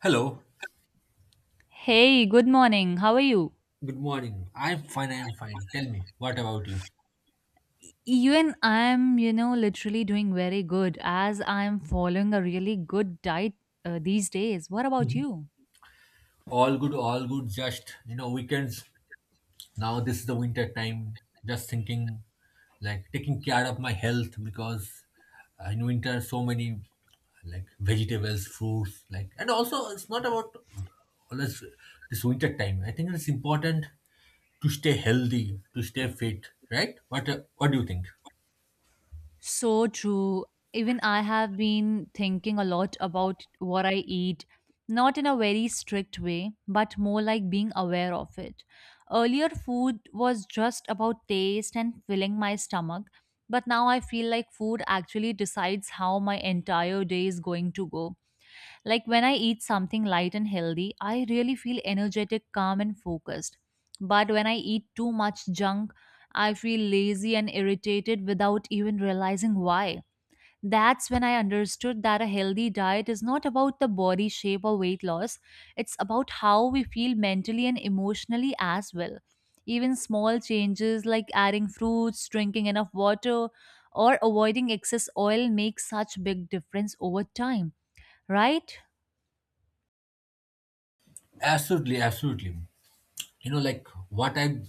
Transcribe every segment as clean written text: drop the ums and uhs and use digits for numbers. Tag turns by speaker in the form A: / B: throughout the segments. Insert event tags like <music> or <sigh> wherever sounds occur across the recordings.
A: Hello.
B: Hey, good morning. How are you?
A: Good morning. I'm fine. I'm fine. Tell me, what about you?
B: Even I'm, you know, literally doing very good as I'm following a really good diet these days. What about you?
A: All good. All good. Just, weekends. Now this is the winter time. Just thinking, like taking care of my health because in winter so many like vegetables, fruits, like, and also it's not about always this winter time. I think it's important to stay healthy, to stay fit, right? What do you think?
B: So true. Even I have been thinking a lot about what I eat, not in a very strict way, but more like being aware of it. Earlier, food was just about taste and filling my stomach, but now I feel like food actually decides how my entire day is going to go. Like when I eat something light and healthy, I really feel energetic, calm, and focused. But when I eat too much junk, I feel lazy and irritated without even realizing why. That's when I understood that a healthy diet is not about the body shape or weight loss, it's about how we feel mentally and emotionally as well. Even small changes like adding fruits, drinking enough water, or avoiding excess oil make such big difference over time, right?
A: Absolutely, absolutely. Like what I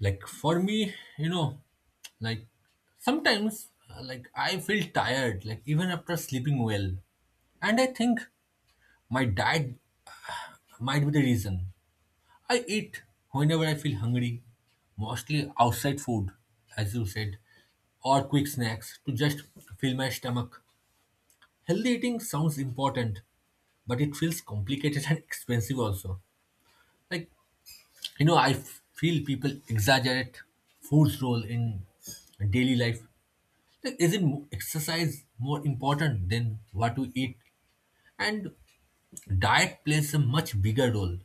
A: like for me, like sometimes, like I feel tired, like even after sleeping well, and I think my diet might be the reason. I eat whenever I feel hungry, mostly outside food, as you said, or quick snacks to just fill my stomach. Healthy eating sounds important, but it feels complicated and <laughs> expensive also. Like, I feel people exaggerate food's role in daily life. Isn't exercise more important than what we eat? And diet plays a much bigger role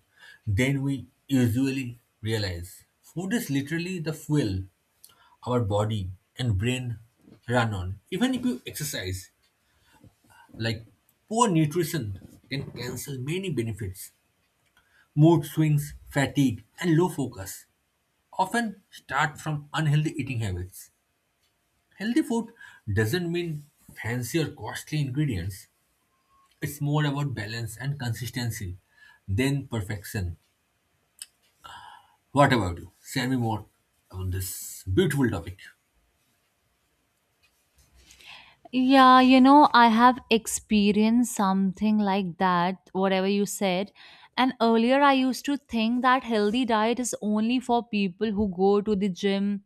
A: than we usually realize. Food is literally the fuel our body and brain run on. Even if you exercise, like poor nutrition can cancel many benefits. Mood swings, fatigue, and low focus often start from unhealthy eating habits. Healthy food doesn't mean fancy or costly ingredients. It's more about balance and consistency than perfection. What about you? Share me more about this beautiful topic.
B: Yeah, you know, I have experienced something like that, whatever you said. And earlier, I used to think that healthy diet is only for people who go to the gym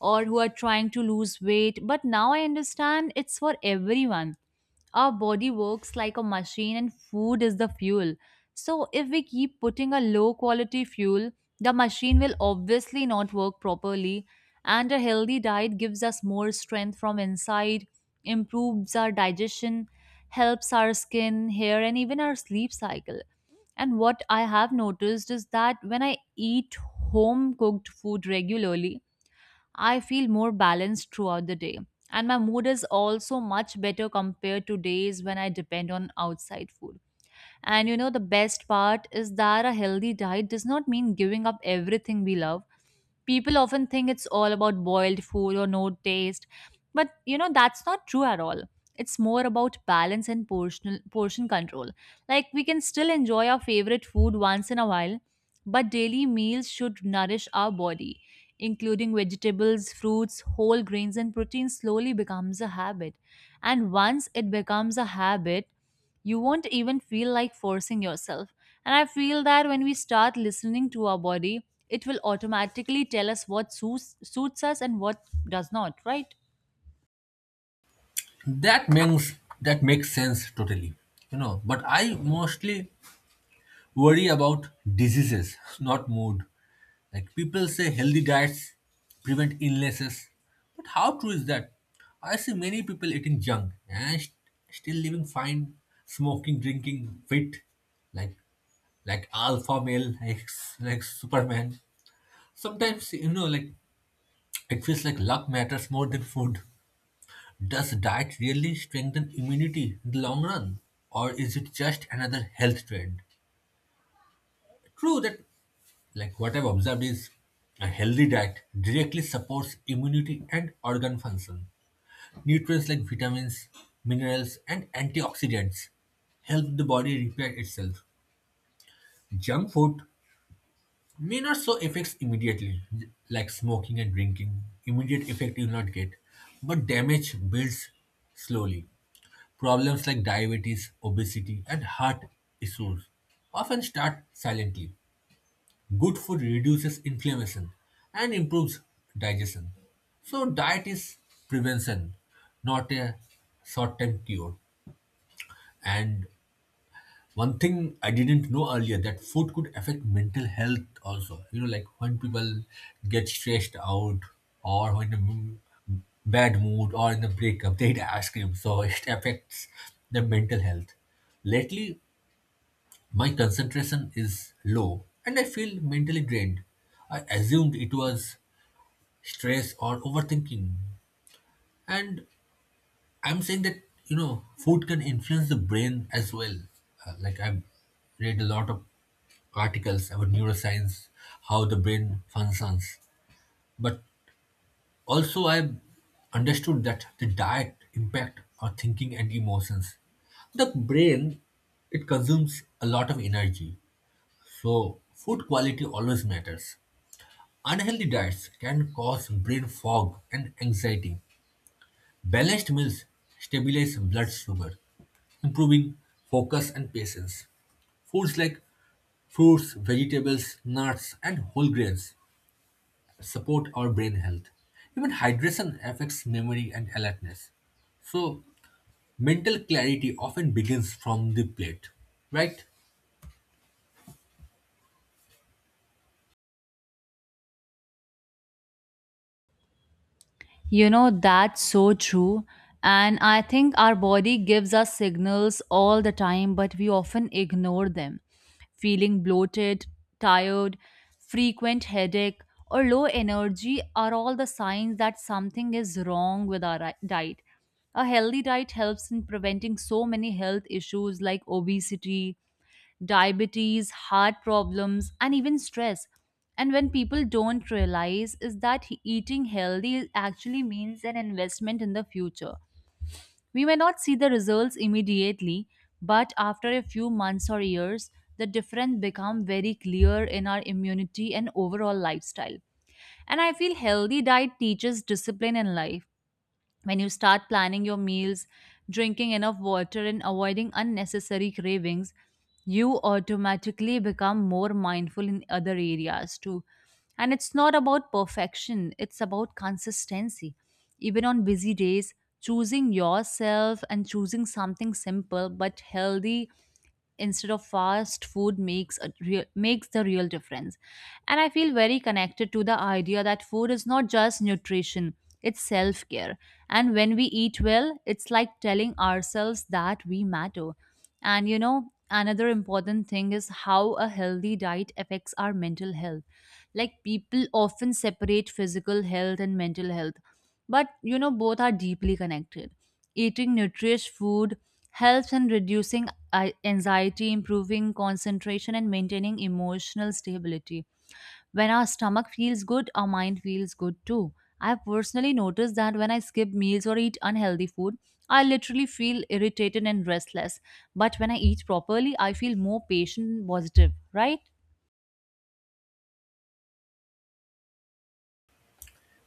B: or who are trying to lose weight. But now I understand it's for everyone. Our body works like a machine and food is the fuel. So, if we keep putting a low quality fuel, the machine will obviously not work properly. And a healthy diet gives us more strength from inside, improves our digestion, helps our skin, hair, and even our sleep cycle. And what I have noticed is that when I eat home cooked food regularly, I feel more balanced throughout the day. And my mood is also much better compared to days when I depend on outside food. And you know, the best part is that a healthy diet does not mean giving up everything we love. People often think it's all about boiled food or no taste, but you know, that's not true at all. It's more about balance and portion, portion control. Like, we can still enjoy our favorite food once in a while, but daily meals should nourish our body, including vegetables, fruits, whole grains, and protein slowly becomes a habit. And once it becomes a habit, you won't even feel like forcing yourself. And I feel that when we start listening to our body, it will automatically tell us what suits us and what does not, right?
A: That makes that makes sense totally. You know, but I mostly worry about diseases, not mood. Like people say healthy diets prevent illnesses. But how true is that? I see many people eating junk and still living fine, smoking, drinking, fit, like like alpha male, like, like Superman. Sometimes, like it feels like luck matters more than food. Does diet really strengthen immunity in the long run? Or is it just another health trend? True that, like, what I've observed is a healthy diet directly supports immunity and organ function. Nutrients like vitamins, minerals, and antioxidants help the body repair itself. Junk food may not show effects immediately, like smoking and drinking. Immediate effect you will not get, but damage builds slowly. Problems like diabetes, obesity, and heart issues often start silently. Good food reduces inflammation and improves digestion. So diet is prevention, not a short-term cure. And one thing I didn't know earlier, that food could affect mental health also. You know, like when people get stressed out or when in a bad mood or in a breakup, they eat ice cream. So <laughs> it affects their mental health. Lately, my concentration is low and I feel mentally drained. I assumed it was stress or overthinking. And I'm saying that, food can influence the brain as well. Like I've read a lot of articles about neuroscience, how the brain functions. But also I've understood that the diet impact our thinking and emotions. The brain, it consumes a lot of energy. So, food quality always matters. Unhealthy diets can cause brain fog and anxiety. Balanced meals stabilize blood sugar, improving focus and patience. Foods like fruits, vegetables, nuts, and whole grains support our brain health. Even hydration affects memory and alertness. So, mental clarity often begins from the plate, right?
B: You know, that's so true. And I think our body gives us signals all the time, but we often ignore them. Feeling bloated, tired, frequent headache, or low energy are all the signs that something is wrong with our diet. A healthy diet helps in preventing so many health issues like obesity, diabetes, heart problems, and even stress. And when people don't realize is that eating healthy actually means an investment in the future. We may not see the results immediately, but after a few months or years, the difference become very clear in our immunity and overall lifestyle. And I feel healthy diet teaches discipline in life. When you start planning your meals, drinking enough water, and avoiding unnecessary cravings, you automatically become more mindful in other areas too. And it's not about perfection, it's about consistency. Even on busy days, choosing yourself and choosing something simple but healthy instead of fast food makes the real difference. And I feel very connected to the idea that food is not just nutrition, it's self care. And when we eat well, it's like telling ourselves that we matter. And you know, another important thing is how a healthy diet affects our mental health. Like people often separate physical health and mental health, but you know, both are deeply connected. Eating nutritious food helps in reducing anxiety, improving concentration, and maintaining emotional stability. When our stomach feels good, our mind feels good too. I've personally noticed that when I skip meals or eat unhealthy food, I literally feel irritated and restless, but when I eat properly, I feel more patient and positive, right?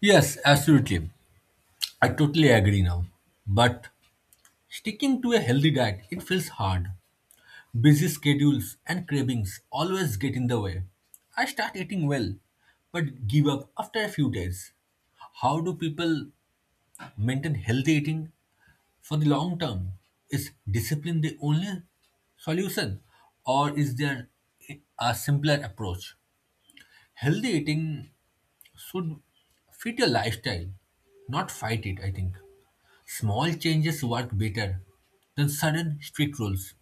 A: Yes, absolutely. I totally agree now. But sticking to a healthy diet, it feels hard. Busy schedules and cravings always get in the way. I start eating well, but give up after a few days. How do people maintain healthy eating for the long term? Is discipline the only solution, or is there a simpler approach? Healthy eating should fit your lifestyle, not fight it, I think. Small changes work better than sudden strict rules.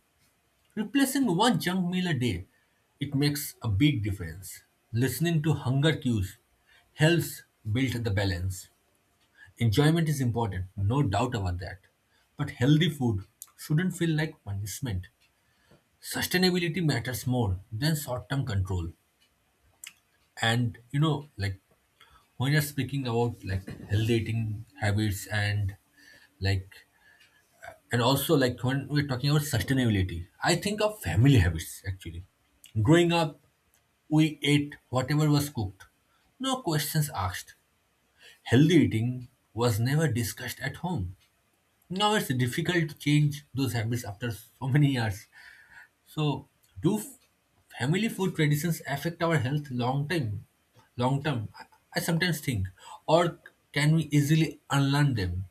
A: Replacing one junk meal a day, it makes a big difference. Listening to hunger cues helps build the balance. Enjoyment is important, no doubt about that. But healthy food shouldn't feel like punishment. Sustainability matters more than short-term control. And, like when you're speaking about like healthy eating habits, and like, and also like when we're talking about sustainability, I think of family habits. Actually, growing up, we ate whatever was cooked, no questions asked. Healthy eating was never discussed at home. Now it's difficult to change those habits after so many years. So, do family food traditions affect our health long time, long term? I sometimes think, or can we easily unlearn them?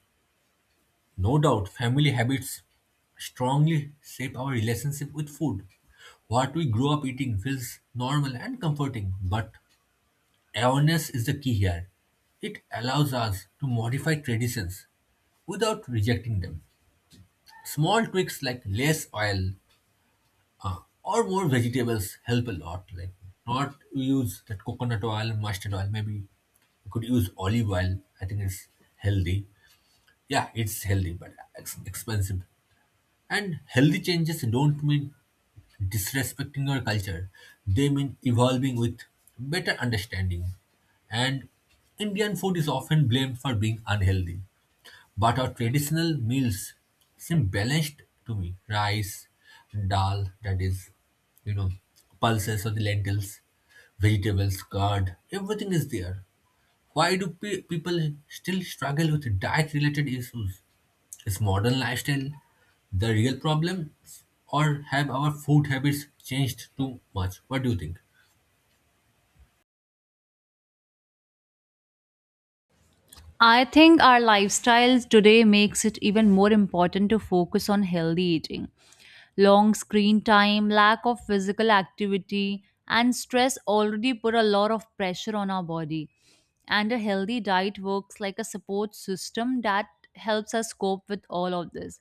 A: No doubt, family habits strongly shape our relationship with food. What we grow up eating feels normal and comforting, but awareness is the key here. It allows us to modify traditions without rejecting them. Small tweaks like less oil or more vegetables help a lot. Like, not use that coconut oil, mustard oil. Maybe you could use olive oil. I think it's healthy. Yeah, it's healthy, but expensive. And healthy changes don't mean disrespecting your culture, they mean evolving with better understanding. And Indian food is often blamed for being unhealthy, but our traditional meals seem balanced to me: rice, dal, that is, you know, pulses or the lentils, vegetables, curd, everything is there. Why do people still struggle with diet related issues? Is modern lifestyle the real problem, or have our food habits changed too much? What do you think?
B: I think our lifestyles today makes it even more important to focus on healthy eating. Long screen time, lack of physical activity, and stress already put a lot of pressure on our body. And a healthy diet works like a support system that helps us cope with all of this.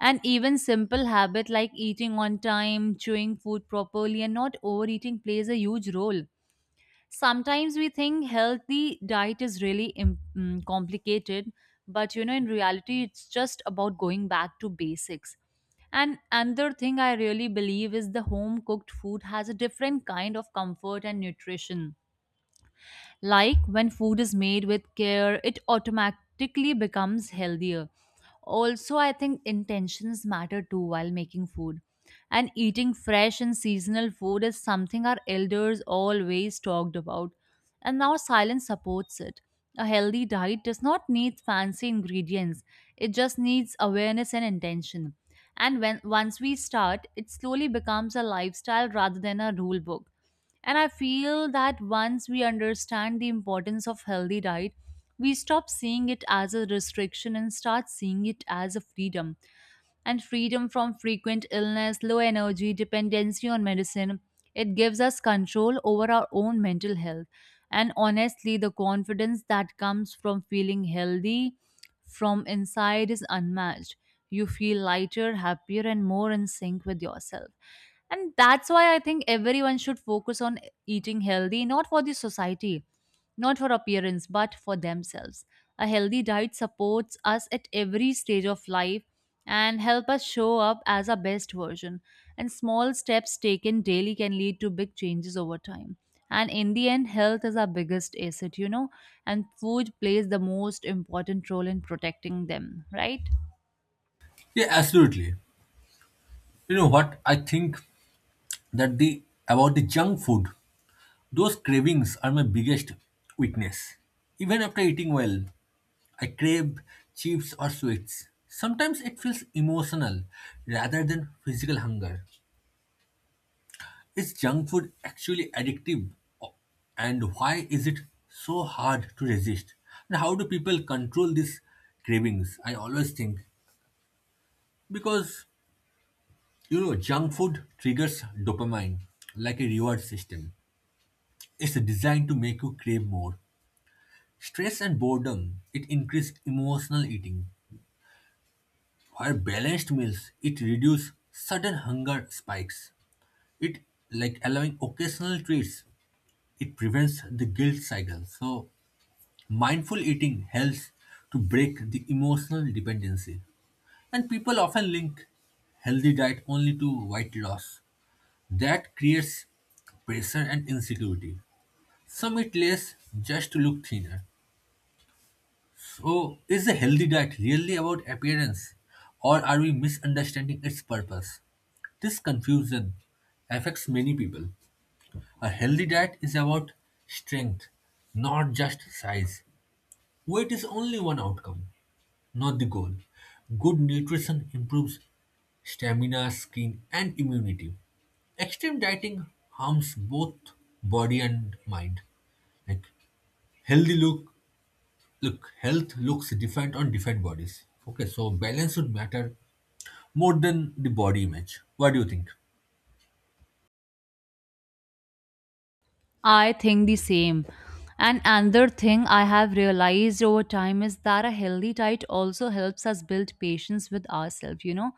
B: And even simple habit like eating on time, chewing food properly, and not overeating plays a huge role. Sometimes we think healthy diet is really complicated, but you know, in reality it's just about going back to basics. And another thing I really believe is the home cooked food has a different kind of comfort and nutrition. Like when food is made with care, it automatically becomes healthier. Also, I think intentions matter too while making food. And eating fresh and seasonal food is something our elders always talked about. And now silence supports it. A healthy diet does not need fancy ingredients, it just needs awareness and intention. And when once we start, it slowly becomes a lifestyle rather than a rule book. And I feel that once we understand the importance of healthy diet, we stop seeing it as a restriction and start seeing it as a freedom, and freedom from frequent illness, low energy, dependency on medicine. It gives us control over our own mental health. And honestly, the confidence that comes from feeling healthy from inside is unmatched. You feel lighter, happier, and more in sync with yourself. And that's why I think everyone should focus on eating healthy, not for the society, not for appearance, but for themselves. A healthy diet supports us at every stage of life and help us show up as our best version. And small steps taken daily can lead to big changes over time. And in the end, health is our biggest asset, you know, and food plays the most important role in protecting them, right?
A: Yeah, absolutely. You know what? I think that the, about the junk food, those cravings are my biggest weakness. Even after eating well, I crave chips or sweets. Sometimes it feels emotional rather than physical hunger. Is junk food actually addictive? O- And why is it so hard to resist? And how do people control these cravings? I always think, because junk food triggers dopamine like a reward system. It's designed to make you crave more. Stress and boredom, it increase emotional eating. While balanced meals, it reduce sudden hunger spikes. It, like, allowing occasional treats, it prevents the guilt cycle. So, mindful eating helps to break the emotional dependency. And people often link healthy diet only to weight loss. That creates pressure and insecurity. Some eat less just to look thinner. So, is a healthy diet really about appearance, or are we misunderstanding its purpose? This confusion affects many people. A healthy diet is about strength, not just size. Weight is only one outcome, not the goal. Good nutrition improves stamina, skin, and immunity. Extreme dieting harms both body and mind. Like, healthy look, health looks different on different bodies. Okay, so balance would matter more than the body image. What do you think?
B: I think the same. And another thing I have realized over time is that a healthy diet also helps us build patience with ourselves, you know.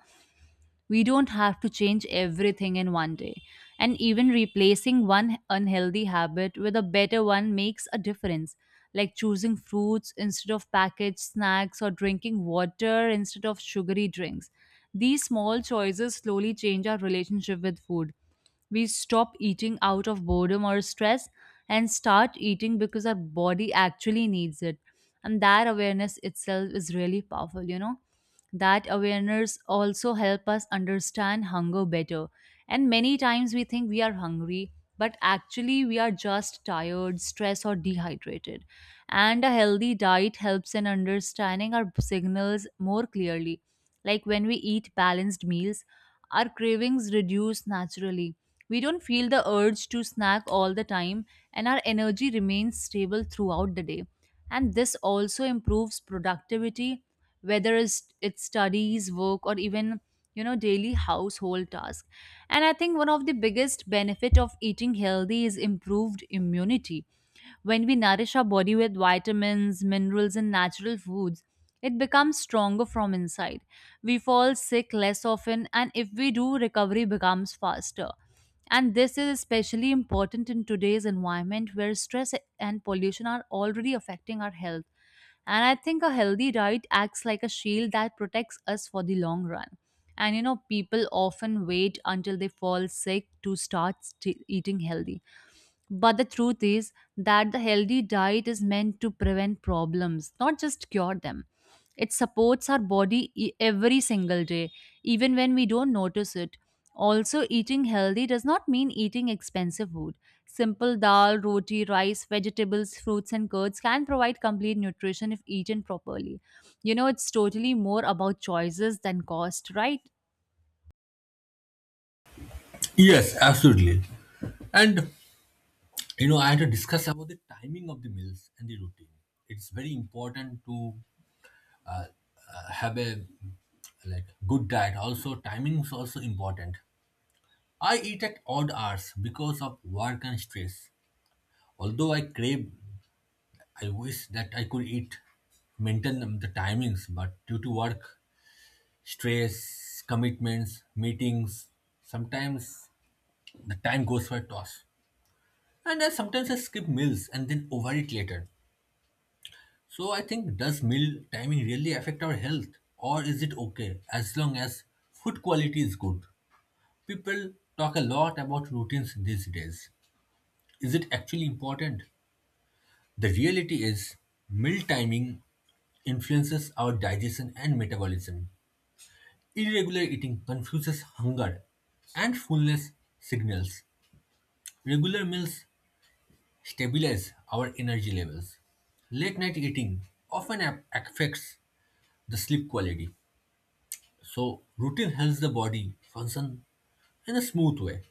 B: We don't have to change everything in one day. And even replacing one unhealthy habit with a better one makes a difference, like choosing fruits instead of packaged snacks or drinking water instead of sugary drinks. These small choices slowly change our relationship with food. We stop eating out of boredom or stress and start eating because our body actually needs it. And that awareness itself is really powerful, you know, that awareness also help us understand hunger better. And many times we think we are hungry, but actually we are just tired, stressed or dehydrated. And a healthy diet helps in understanding our signals more clearly. Like when we eat balanced meals, our cravings reduce naturally. We don't feel the urge to snack all the time, and our energy remains stable throughout the day. And this also improves productivity, whether it's studies, work, or even, you know, daily household tasks. And I think one of the biggest benefit of eating healthy is improved immunity. When we nourish our body with vitamins, minerals, and natural foods, it becomes stronger from inside. We fall sick less often, and if we do, recovery becomes faster. And this is especially important in today's environment where stress and pollution are already affecting our health. And I think a healthy diet acts like a shield that protects us for the long run. And you know, people often wait until they fall sick to eating healthy, but the truth is that the healthy diet is meant to prevent problems, not just cure them. It supports our body every single day, even when we don't notice it. Also, eating healthy does not mean eating expensive food. Simple dal, roti, rice, vegetables, fruits, and curds can provide complete nutrition if eaten properly. You know, it's totally more about choices than cost, right?
A: Yes, absolutely. And, I had to discuss about the timing of the meals and the routine. It's very important to have a, like, good diet. Also, timing is also important. I eat at odd hours because of work and stress. Although I crave, I wish that I could eat, maintain the timings, but due to work, stress, commitments, meetings, sometimes the time goes for a toss. And I sometimes I skip meals and then overeat later. So I think, does meal timing really affect our health, or is it okay as long as food quality is good? People talk a lot about routines these days. Is it actually important? The reality is, meal timing influences our digestion and metabolism. Irregular eating confuses hunger and fullness signals. Regular meals stabilize our energy levels. Late night eating often affects the sleep quality. So, routine helps the body function in a smooth way,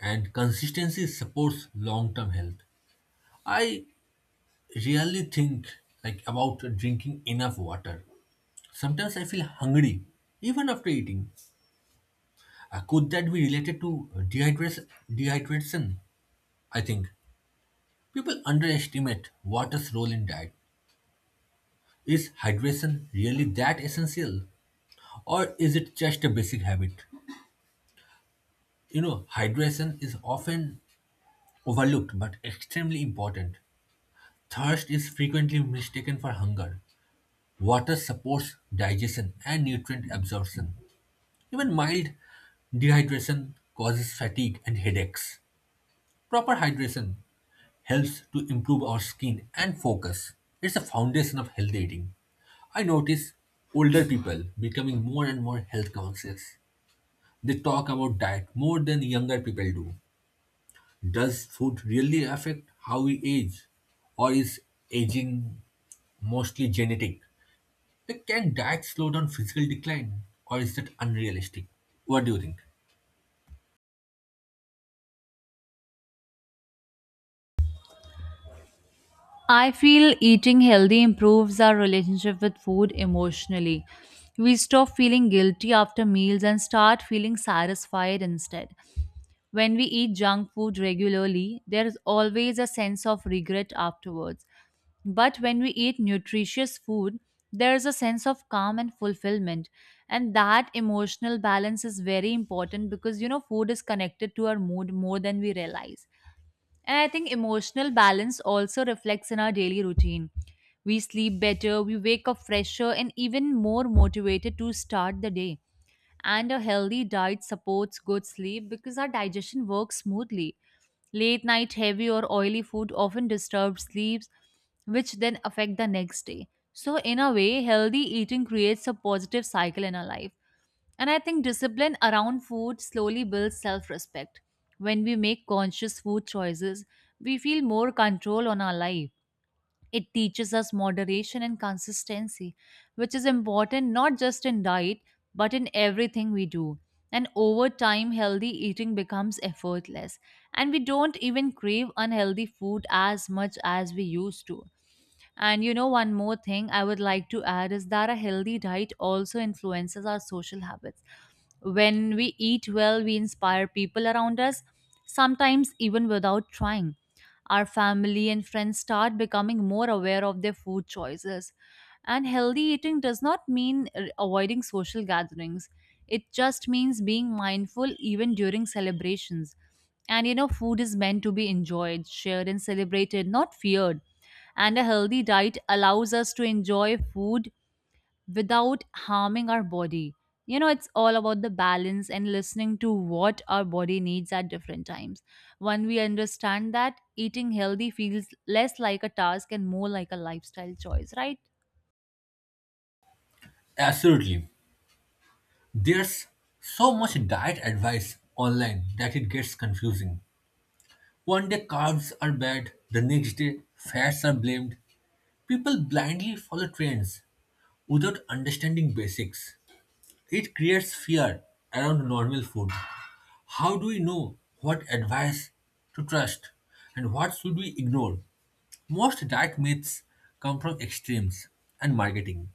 A: and consistency supports long term health. I really think, like, about drinking enough water. Sometimes I feel hungry even after eating. Could that be related to dehydration? Dehydration, I think. People underestimate water's role in diet. Is hydration really that essential, or is it just a basic habit? You know, hydration is often overlooked but extremely important. Thirst is frequently mistaken for hunger. Water supports digestion and nutrient absorption. Even mild dehydration causes fatigue and headaches. Proper hydration helps to improve our skin and focus. It's the foundation of healthy eating. I notice older people becoming more and more health conscious. They talk about diet more than younger people do. Does food really affect how we age? Or is aging mostly genetic? Like, can diet slow down physical decline? Or is that unrealistic? What do you think?
B: I feel eating healthy improves our relationship with food emotionally. We stop feeling guilty after meals and start feeling satisfied instead. When we eat junk food regularly, there is always a sense of regret afterwards. But when we eat nutritious food, there is a sense of calm and fulfillment. And that emotional balance is very important because, you know, food is connected to our mood more than we realize. And I think emotional balance also reflects in our daily routine. We sleep better, we wake up fresher, and even more motivated to start the day. And a healthy diet supports good sleep because our digestion works smoothly. Late night heavy or oily food often disturbs sleeps, which then affect the next day. So, in a way, healthy eating creates a positive cycle in our life. And I think discipline around food slowly builds self respect. When we make conscious food choices, we feel more control on our life. It teaches us moderation and consistency, which is important not just in diet but in everything we do. And over time, healthy eating becomes effortless, and we don't even crave unhealthy food as much as we used to. And you know, one more thing I would like to add is that a healthy diet also influences our social habits. When we eat well, we inspire people around us, sometimes even without trying. Our family and friends start becoming more aware of their food choices. And healthy eating does not mean avoiding social gatherings, it just means being mindful even during celebrations. And you know, food is meant to be enjoyed, shared, and celebrated, not feared. And a healthy diet allows us to enjoy food without harming our body. You know, it's all about the balance and listening to what our body needs at different times. When we understand that, eating healthy feels less like a task and more like a lifestyle choice, right?
A: Absolutely. There's so much diet advice online that it gets confusing. One day carbs are bad, the next day fats are blamed. People blindly follow trends without understanding basics. It creates fear around normal food. How do we know what advice to trust, and what should we ignore? Most diet myths come from extremes and marketing.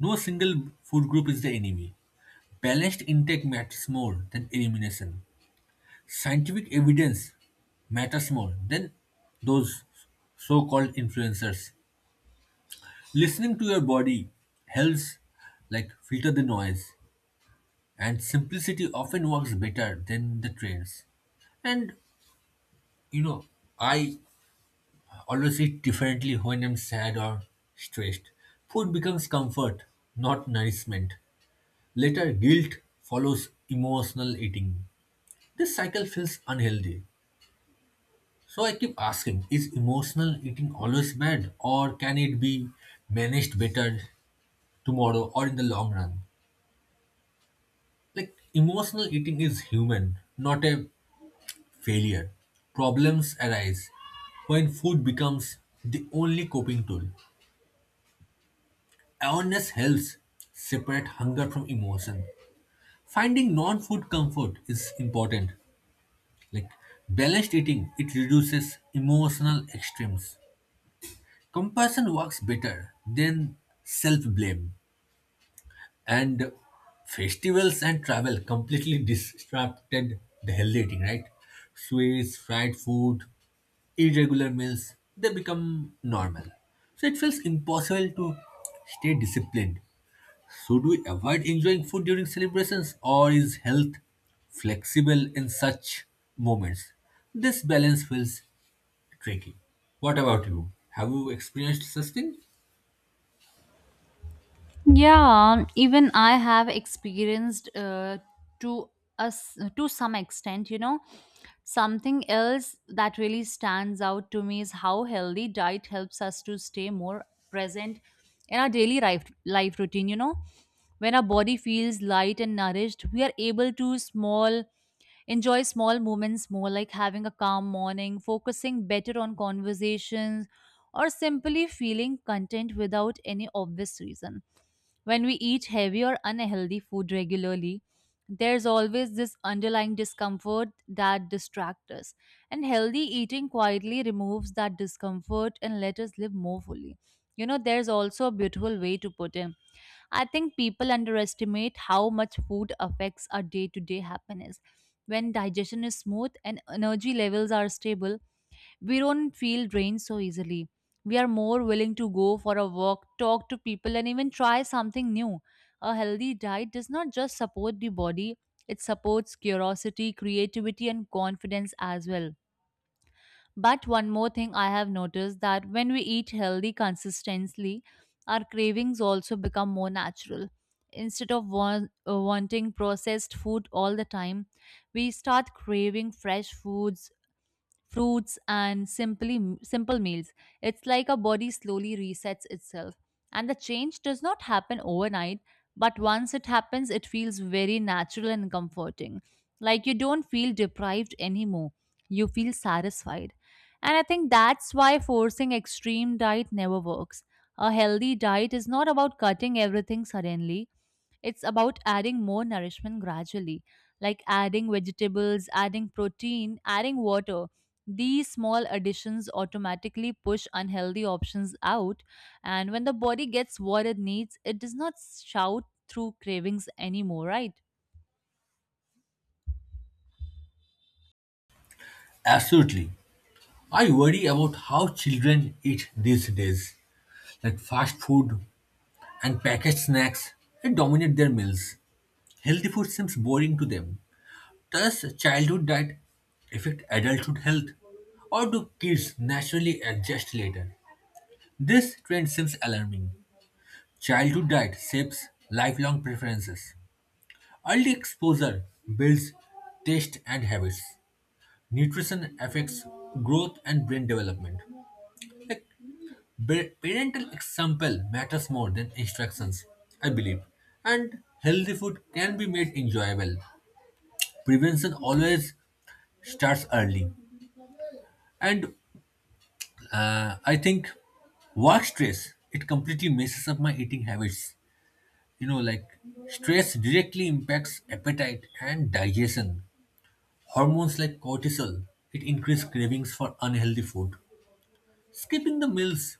A: No single food group is the enemy. Balanced intake matters more than elimination. Scientific evidence matters more than those so-called influencers. Listening to your body helps, like, filter the noise, and simplicity often works better than the trends. And, you know, I always eat differently when I'm sad or stressed. Food becomes comfort, not nourishment. Later, guilt follows emotional eating. This cycle feels unhealthy. So I keep asking, is emotional eating always bad, or can it be managed better tomorrow or in the long run? Like, emotional eating is human, not a failure. Problems arise when food becomes the only coping tool. Awareness helps separate hunger from emotion. Finding non-food comfort is important. Like balanced eating, it reduces emotional extremes. Compassion works better than self blame, and festivals and travel completely disrupted the healthy eating, right? Sweets, fried food, irregular meals, they become normal. So it feels impossible to stay disciplined. Should we avoid enjoying food during celebrations, or is health flexible in such moments? This balance feels tricky. What about you? Have you experienced such thing?
B: Yeah, even I have experienced, to us, to some extent, you know. Something else that really stands out to me is how healthy diet helps us to stay more present in our daily life, life routine, you know. When our body feels light and nourished, we are able to small enjoy small moments more, like having a calm morning, focusing better on conversations, or simply feeling content without any obvious reason. When we eat heavy or unhealthy food regularly, there's always this underlying discomfort that distracts us. And healthy eating quietly removes that discomfort and let us live more fully. You know, there's also a beautiful way to put it. I think people underestimate how much food affects our day to day happiness. When digestion is smooth and energy levels are stable, we don't feel drained so easily. We are more willing to go for a walk, talk to people, and even try something new. A healthy diet does not just support the body, it supports curiosity, creativity, and confidence as well. But one more thing I have noticed that when we eat healthy consistently, our cravings also become more natural. Instead of wanting processed food all the time, we start craving fresh foods, fruits, and simply simple meals. It's like a body slowly resets itself, and the change does not happen overnight, but once it happens it feels very natural and comforting. Like, you don't feel deprived anymore, you feel satisfied. And I think that's why forcing extreme diet never works. A healthy diet is not about cutting everything suddenly, it's about adding more nourishment gradually, like adding vegetables, adding protein, adding water. These small additions automatically push unhealthy options out, and when the body gets what it needs, it does not shout through cravings anymore, right?
A: Absolutely. I worry about how children eat these days. Like fast food and packaged snacks, they dominate their meals. Healthy food seems boring to them. Does childhood diet affect adulthood health? Or do kids naturally adjust later? This trend seems alarming. Childhood diet shapes lifelong preferences. Early exposure builds taste and habits. Nutrition affects growth and brain development. Like, Parental example matters more than instructions, I believe, and healthy food can be made enjoyable. Prevention always starts early, and I think work stress it completely messes up my eating habits. You know, like stress directly impacts appetite and digestion. Hormones like cortisol, it increase cravings for unhealthy food. Skipping the meals,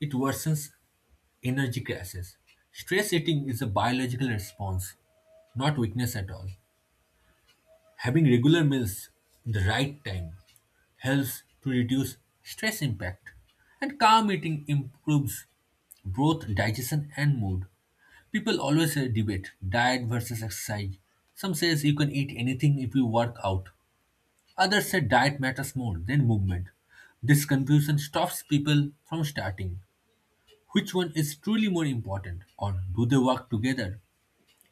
A: it worsens. Energy crashes. Stress eating is a biological response, not weakness at all. Having regular meals in the right time helps to reduce stress impact, and calm eating improves both digestion and mood. People always debate diet versus exercise. Some says you can eat anything if you work out. Others say diet matters more than movement. This confusion stops people from starting. Which one is truly more important, or do they work together?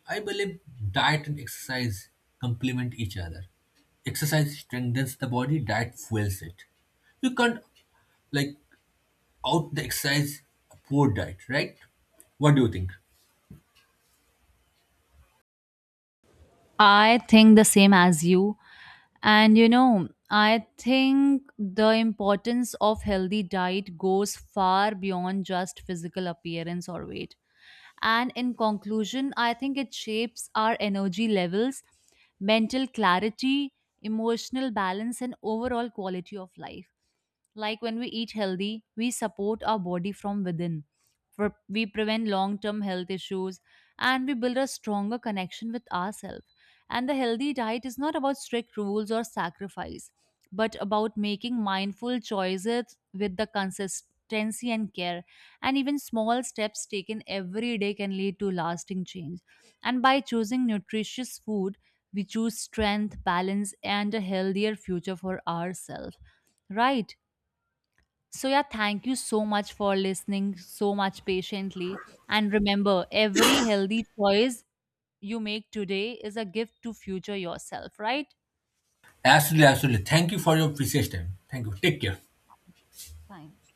A: I believe diet and exercise complement each other. Exercise strengthens the body, diet fuels it. You can't, like, out the exercise a poor diet, right? What do you think?
B: I think the same as you. And you know, I think the importance of healthy diet goes far beyond just physical appearance or weight. And in conclusion, I think it shapes our energy levels, mental clarity, emotional balance, and overall quality of life. Like when we eat healthy, we support our body from within. We prevent long term health issues and we build a stronger connection with ourselves. And the healthy diet is not about strict rules or sacrifice, but about making mindful choices with the consistency and care, and even small steps taken every day can lead to lasting change. And by choosing nutritious food, we choose strength, balance, and a healthier future for ourselves. Right? So, yeah, thank you so much for listening so much patiently. And remember, every healthy choice you make today is a gift to future yourself, right?
A: Absolutely, absolutely. Thank you for your precious time. Thank you. Take care.
B: Thanks.